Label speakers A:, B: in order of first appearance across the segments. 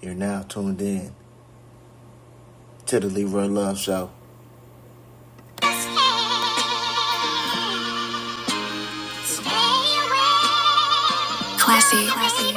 A: You're now tuned in to the Leroy Love Show. Stay away, Stay away. Classy. Classy.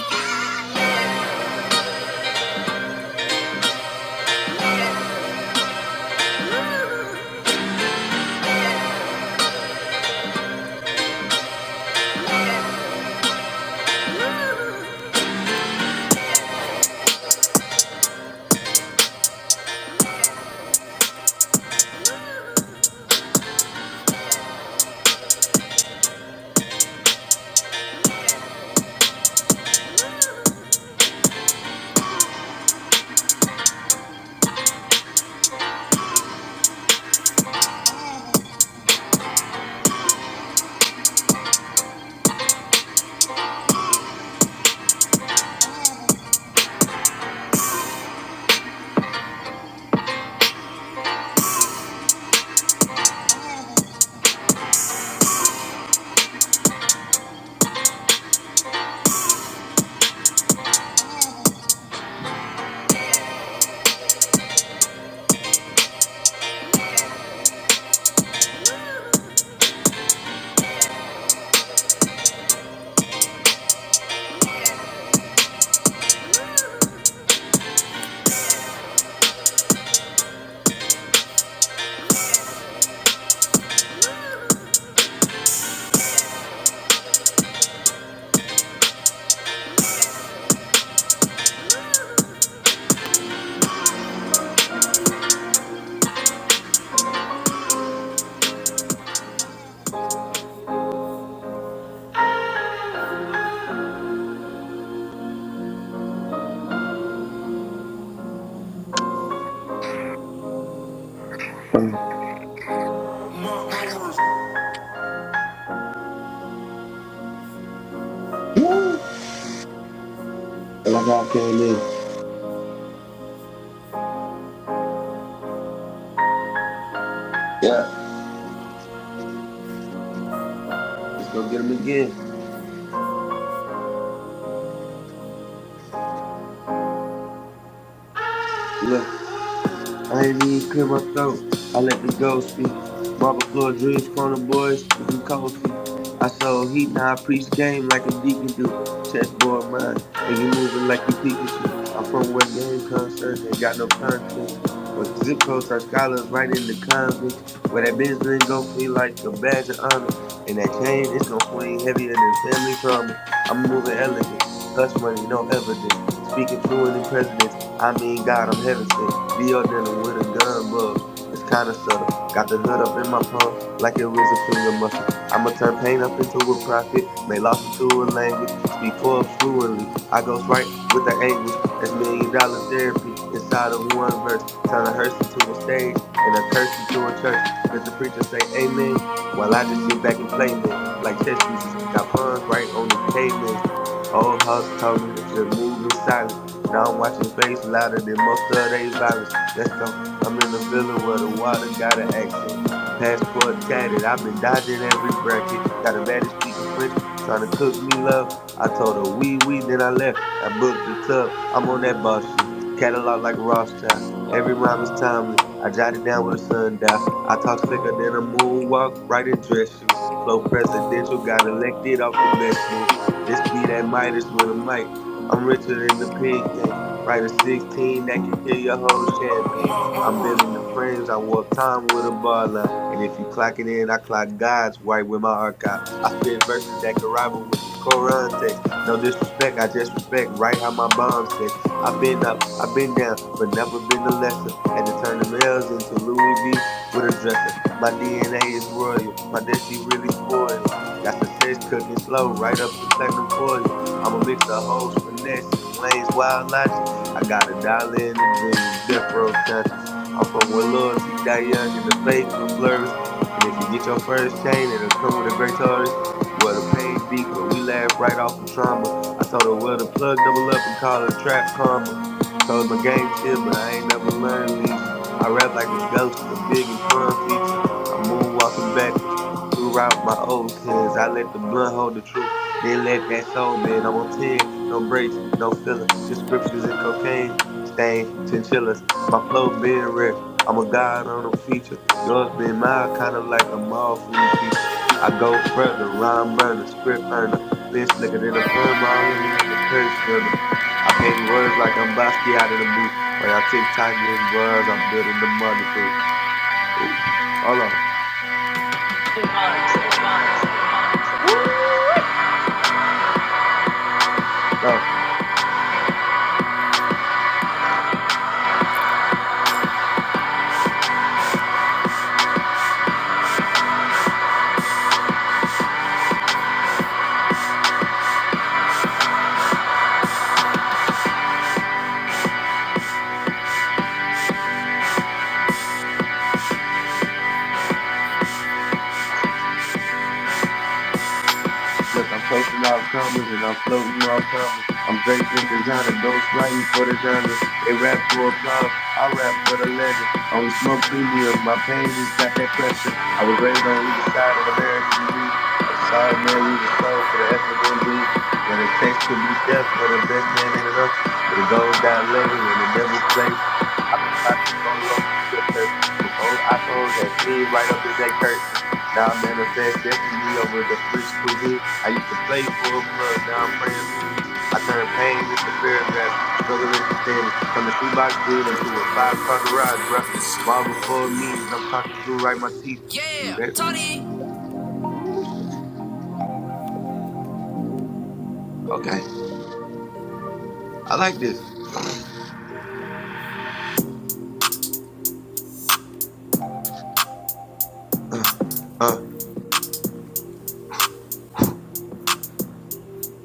B: Um, woo, like I came in. Yeah, let's go get him again. Look, I ain't even clear my throat. I let the ghost speak. Marble floor dreams, corner boys with them cold feet. I sold heat, now I preach game like a deacon do. Chessboard mind, and you moving like you Pikachu. I'm from where game concerts ain't got no conscience. Where zip codes are scholars right in the convicts. Where that business didn't go free like a badge of honor. And that chain, it's gonna swing heavier than family trauma. I'm moving elegant. Hush money, no evidence. Speaking fluent in presidents. I mean, God, I'm heaven sent. Deal denim with a gun bug. It's kind of subtle. Got the hood up in my palm like it was a finger muscle. I'ma turn pain up into a profit. Make loss into a language. Speak Forbes fluently. I goes right with the anguish. That's million dollar therapy inside of one verse. Turn a hearse into a stage and a curse into a church. Let the preacher say amen while I just sit back and play, man. Like chess pieces. Got pawns right on the K-man. Old Hugs told me to move in silence. Now I'm watching face louder than most of they violence. Let's go. I'm in a villa where the water got an accent. Passport tatted. I've been dodging every bracket. Got a baddie speaking French, trying to cook me love. I told her wee wee, then I left. I booked the tub. I'm on that boss shit. Catalog like Rothschild. Every rhyme is timeless. I jotted down with a sundial. I talk slicker than a moonwalk, right in dress shoes. Flow presidential, got elected off the best move. This be that Midas with a mic. I'm richer than the pig game. Write a 16 that can kill your whole champagne. I'm bending the frames. I warp time with a bar line. And if you clock it in, I clock God's right with my archive. I spit verses that can rival with the Koran text. No disrespect, I just respect right how my bomb says. I've been up, I've been down, but never been the lesser. Had to turn the males into Louis V with a dresser. My DNA is royal. My destiny really spoiled. Got the sex cooking slow, right up in platinum foil. I'm a mix of hoes, finesse, and Wayne's wild logic. I got a dollar in the dreams, death row conscious. I'm from where loyalty die young and the fake will flourish. And if you get your first chain, it'll come with a great tourist. Well, the pain deep, but we laugh right off the trauma. I told her, well, the plug double up and call it trap karma. Told my game chill, but I ain't never learned leisure. I rap like a ghost, a big and pun feature. I'm moonwalking backwards. Throughout my old sins, I let the blood hold the truth. Then let that soul bend. I'm on 10, no breaks, no filler. Just scriptures and cocaine, stain, chinchillas. My flow been rare. I'm a god on a feature. Yours been mine, kind of like a mall food pizza. I go further, rhyme burner, script earner. Been slicker than a perm, all over in the curse journal. I paint words like I'm Bosky out in the booth. While y'all TikTok getting buzz, I'm building the market proof. Ooh, hold on. Woo! Go. Look, I'm coasting off commas and I'm floating off commas. I'm draped in designer, ghost writing for the genre. They rap for applause, I rap for the legend. Only smoke premium, my pain just got that pressure. I was raised on either side of the American greed. I saw a man lose a soul for the F and FNB. Where the text could be death, where the best man ain't enough. Where the goals got levels and the devil play rough. I've been fly since Motorola two-way chirp. Before iPhones had fiends right up in that curtain. Now I manifest destiny over the French cuisine. I used to play for a plug. Now I'm praying for peace. I turn pain into paragraphs, struggle into standards. Turn the shoebox dream into a five car garage, bruh. Marble for meetings. I'm talking through right my teeth. You
A: Yeah,
B: ready?
A: Tony.
B: Okay. I like this. Uh. Uh.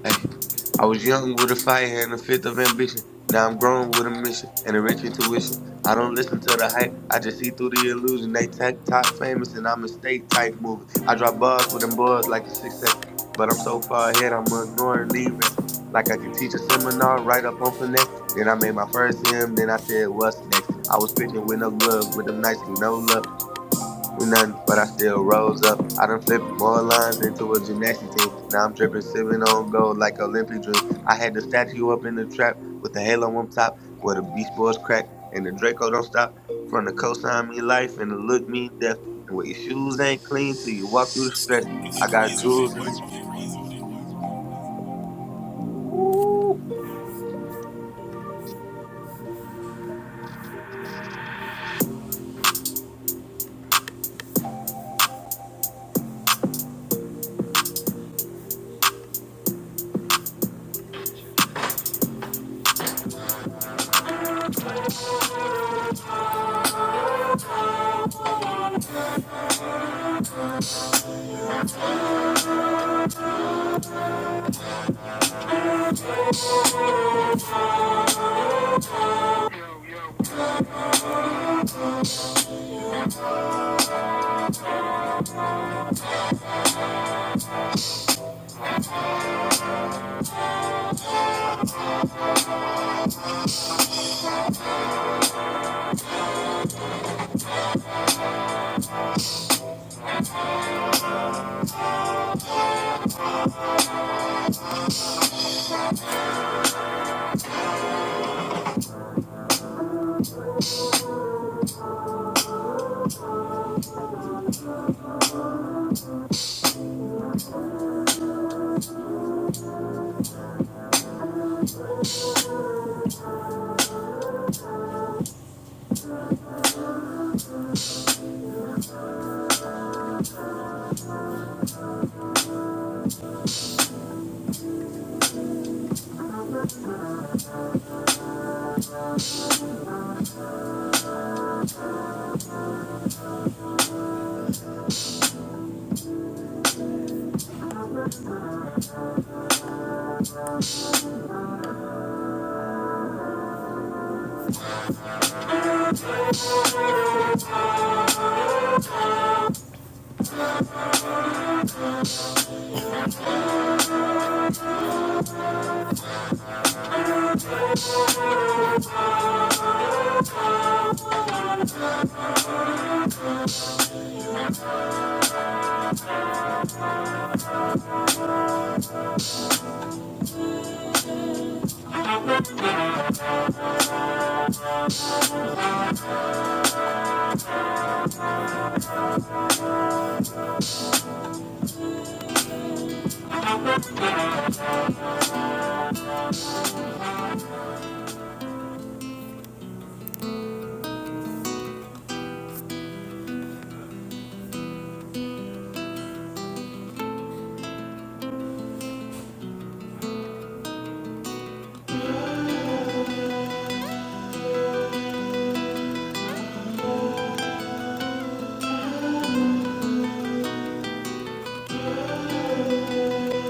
B: Hey, I was young with a fire and a fifth of ambition. Now I'm grown with a mission and a rich intuition. I don't listen to the hype, I just see through the illusion. They tech top famous and I'm a state type moving. I drop bars with them bars like the success, but I'm so far ahead I'm ignoring the rest. Like I could teach a seminar right up on finesse. Then I made my first hymn, then I said, What's next? I was pitching with no glove, with them nights, with no love. We nothing, but I still rose up. I done flipped more lines into a gymnastics team. Now I'm dripping semen on gold like Olympic dreams. I had the statue up in the trap with the halo on top, where the Beast Boys crack and the Draco don't stop. From the coastline me life and the look me death, and where your shoes ain't clean till you walk through the stress. I got jewels in the.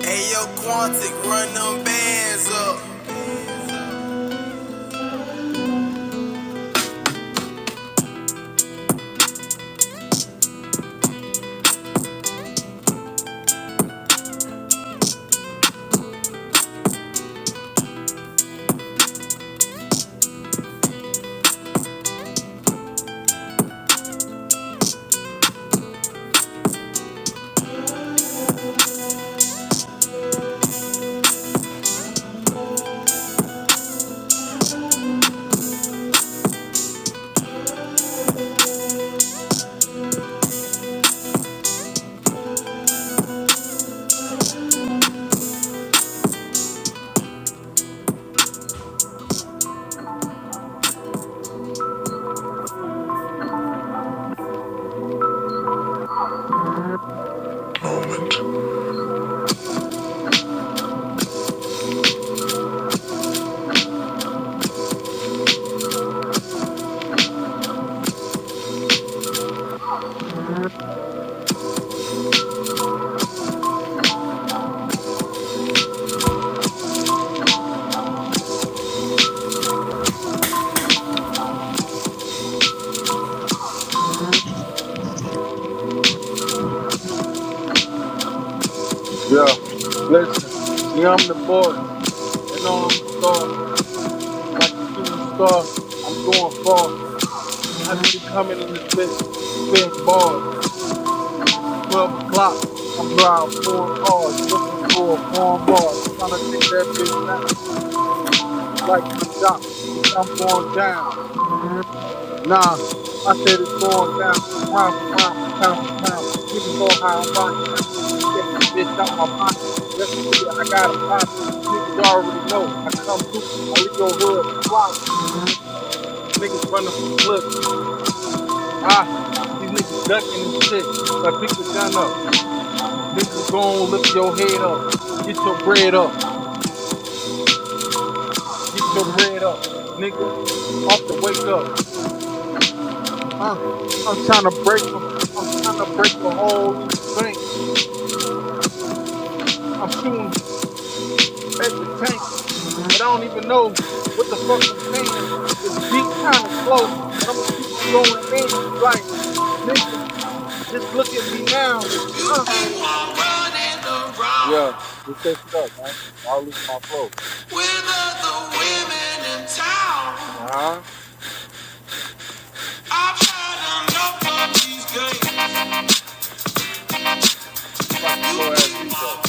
A: Hey, yo, Quantic, run them bands up.
C: Yeah, listen, yeah, I'm the boy. They know I'm a star, like a shooting star. I'm going far. I just be coming in this bitch, spitting bars. It's 12 o'clock. I'm driving foreign cars, looking for a foreign bras, trying to take that bitch down. It's like Young Jock. Bitch, I'm going down. Nah, I said it's going down, round for round, pound for pound. Niggas know how I'm rocking out. Take this bitch out my pocket. Yes, Leah, I got a pocket. Niggas already know. I come through. I leave your hood flopping. Niggas running from clips. Ah, these niggas ducking and shit. Like, pick your gun up. Niggas gon' lift your head up. Get your bread up. Get your bread up. Nigga, off the wake up. Uh, I'm trying to break 'em. I'm trying to break a hole in the bank. I'm shooting. at the tank, but I don't even know what the fuck I'm saying. This beat kind of slow, but I'm gonna keep on going in. It's like, nigga, just look at me now. Huh? Yeah, switch that shit up, gang. I'll lose my flow.
A: With the women in town.
C: Uh huh. It's like a slow ass beat, though.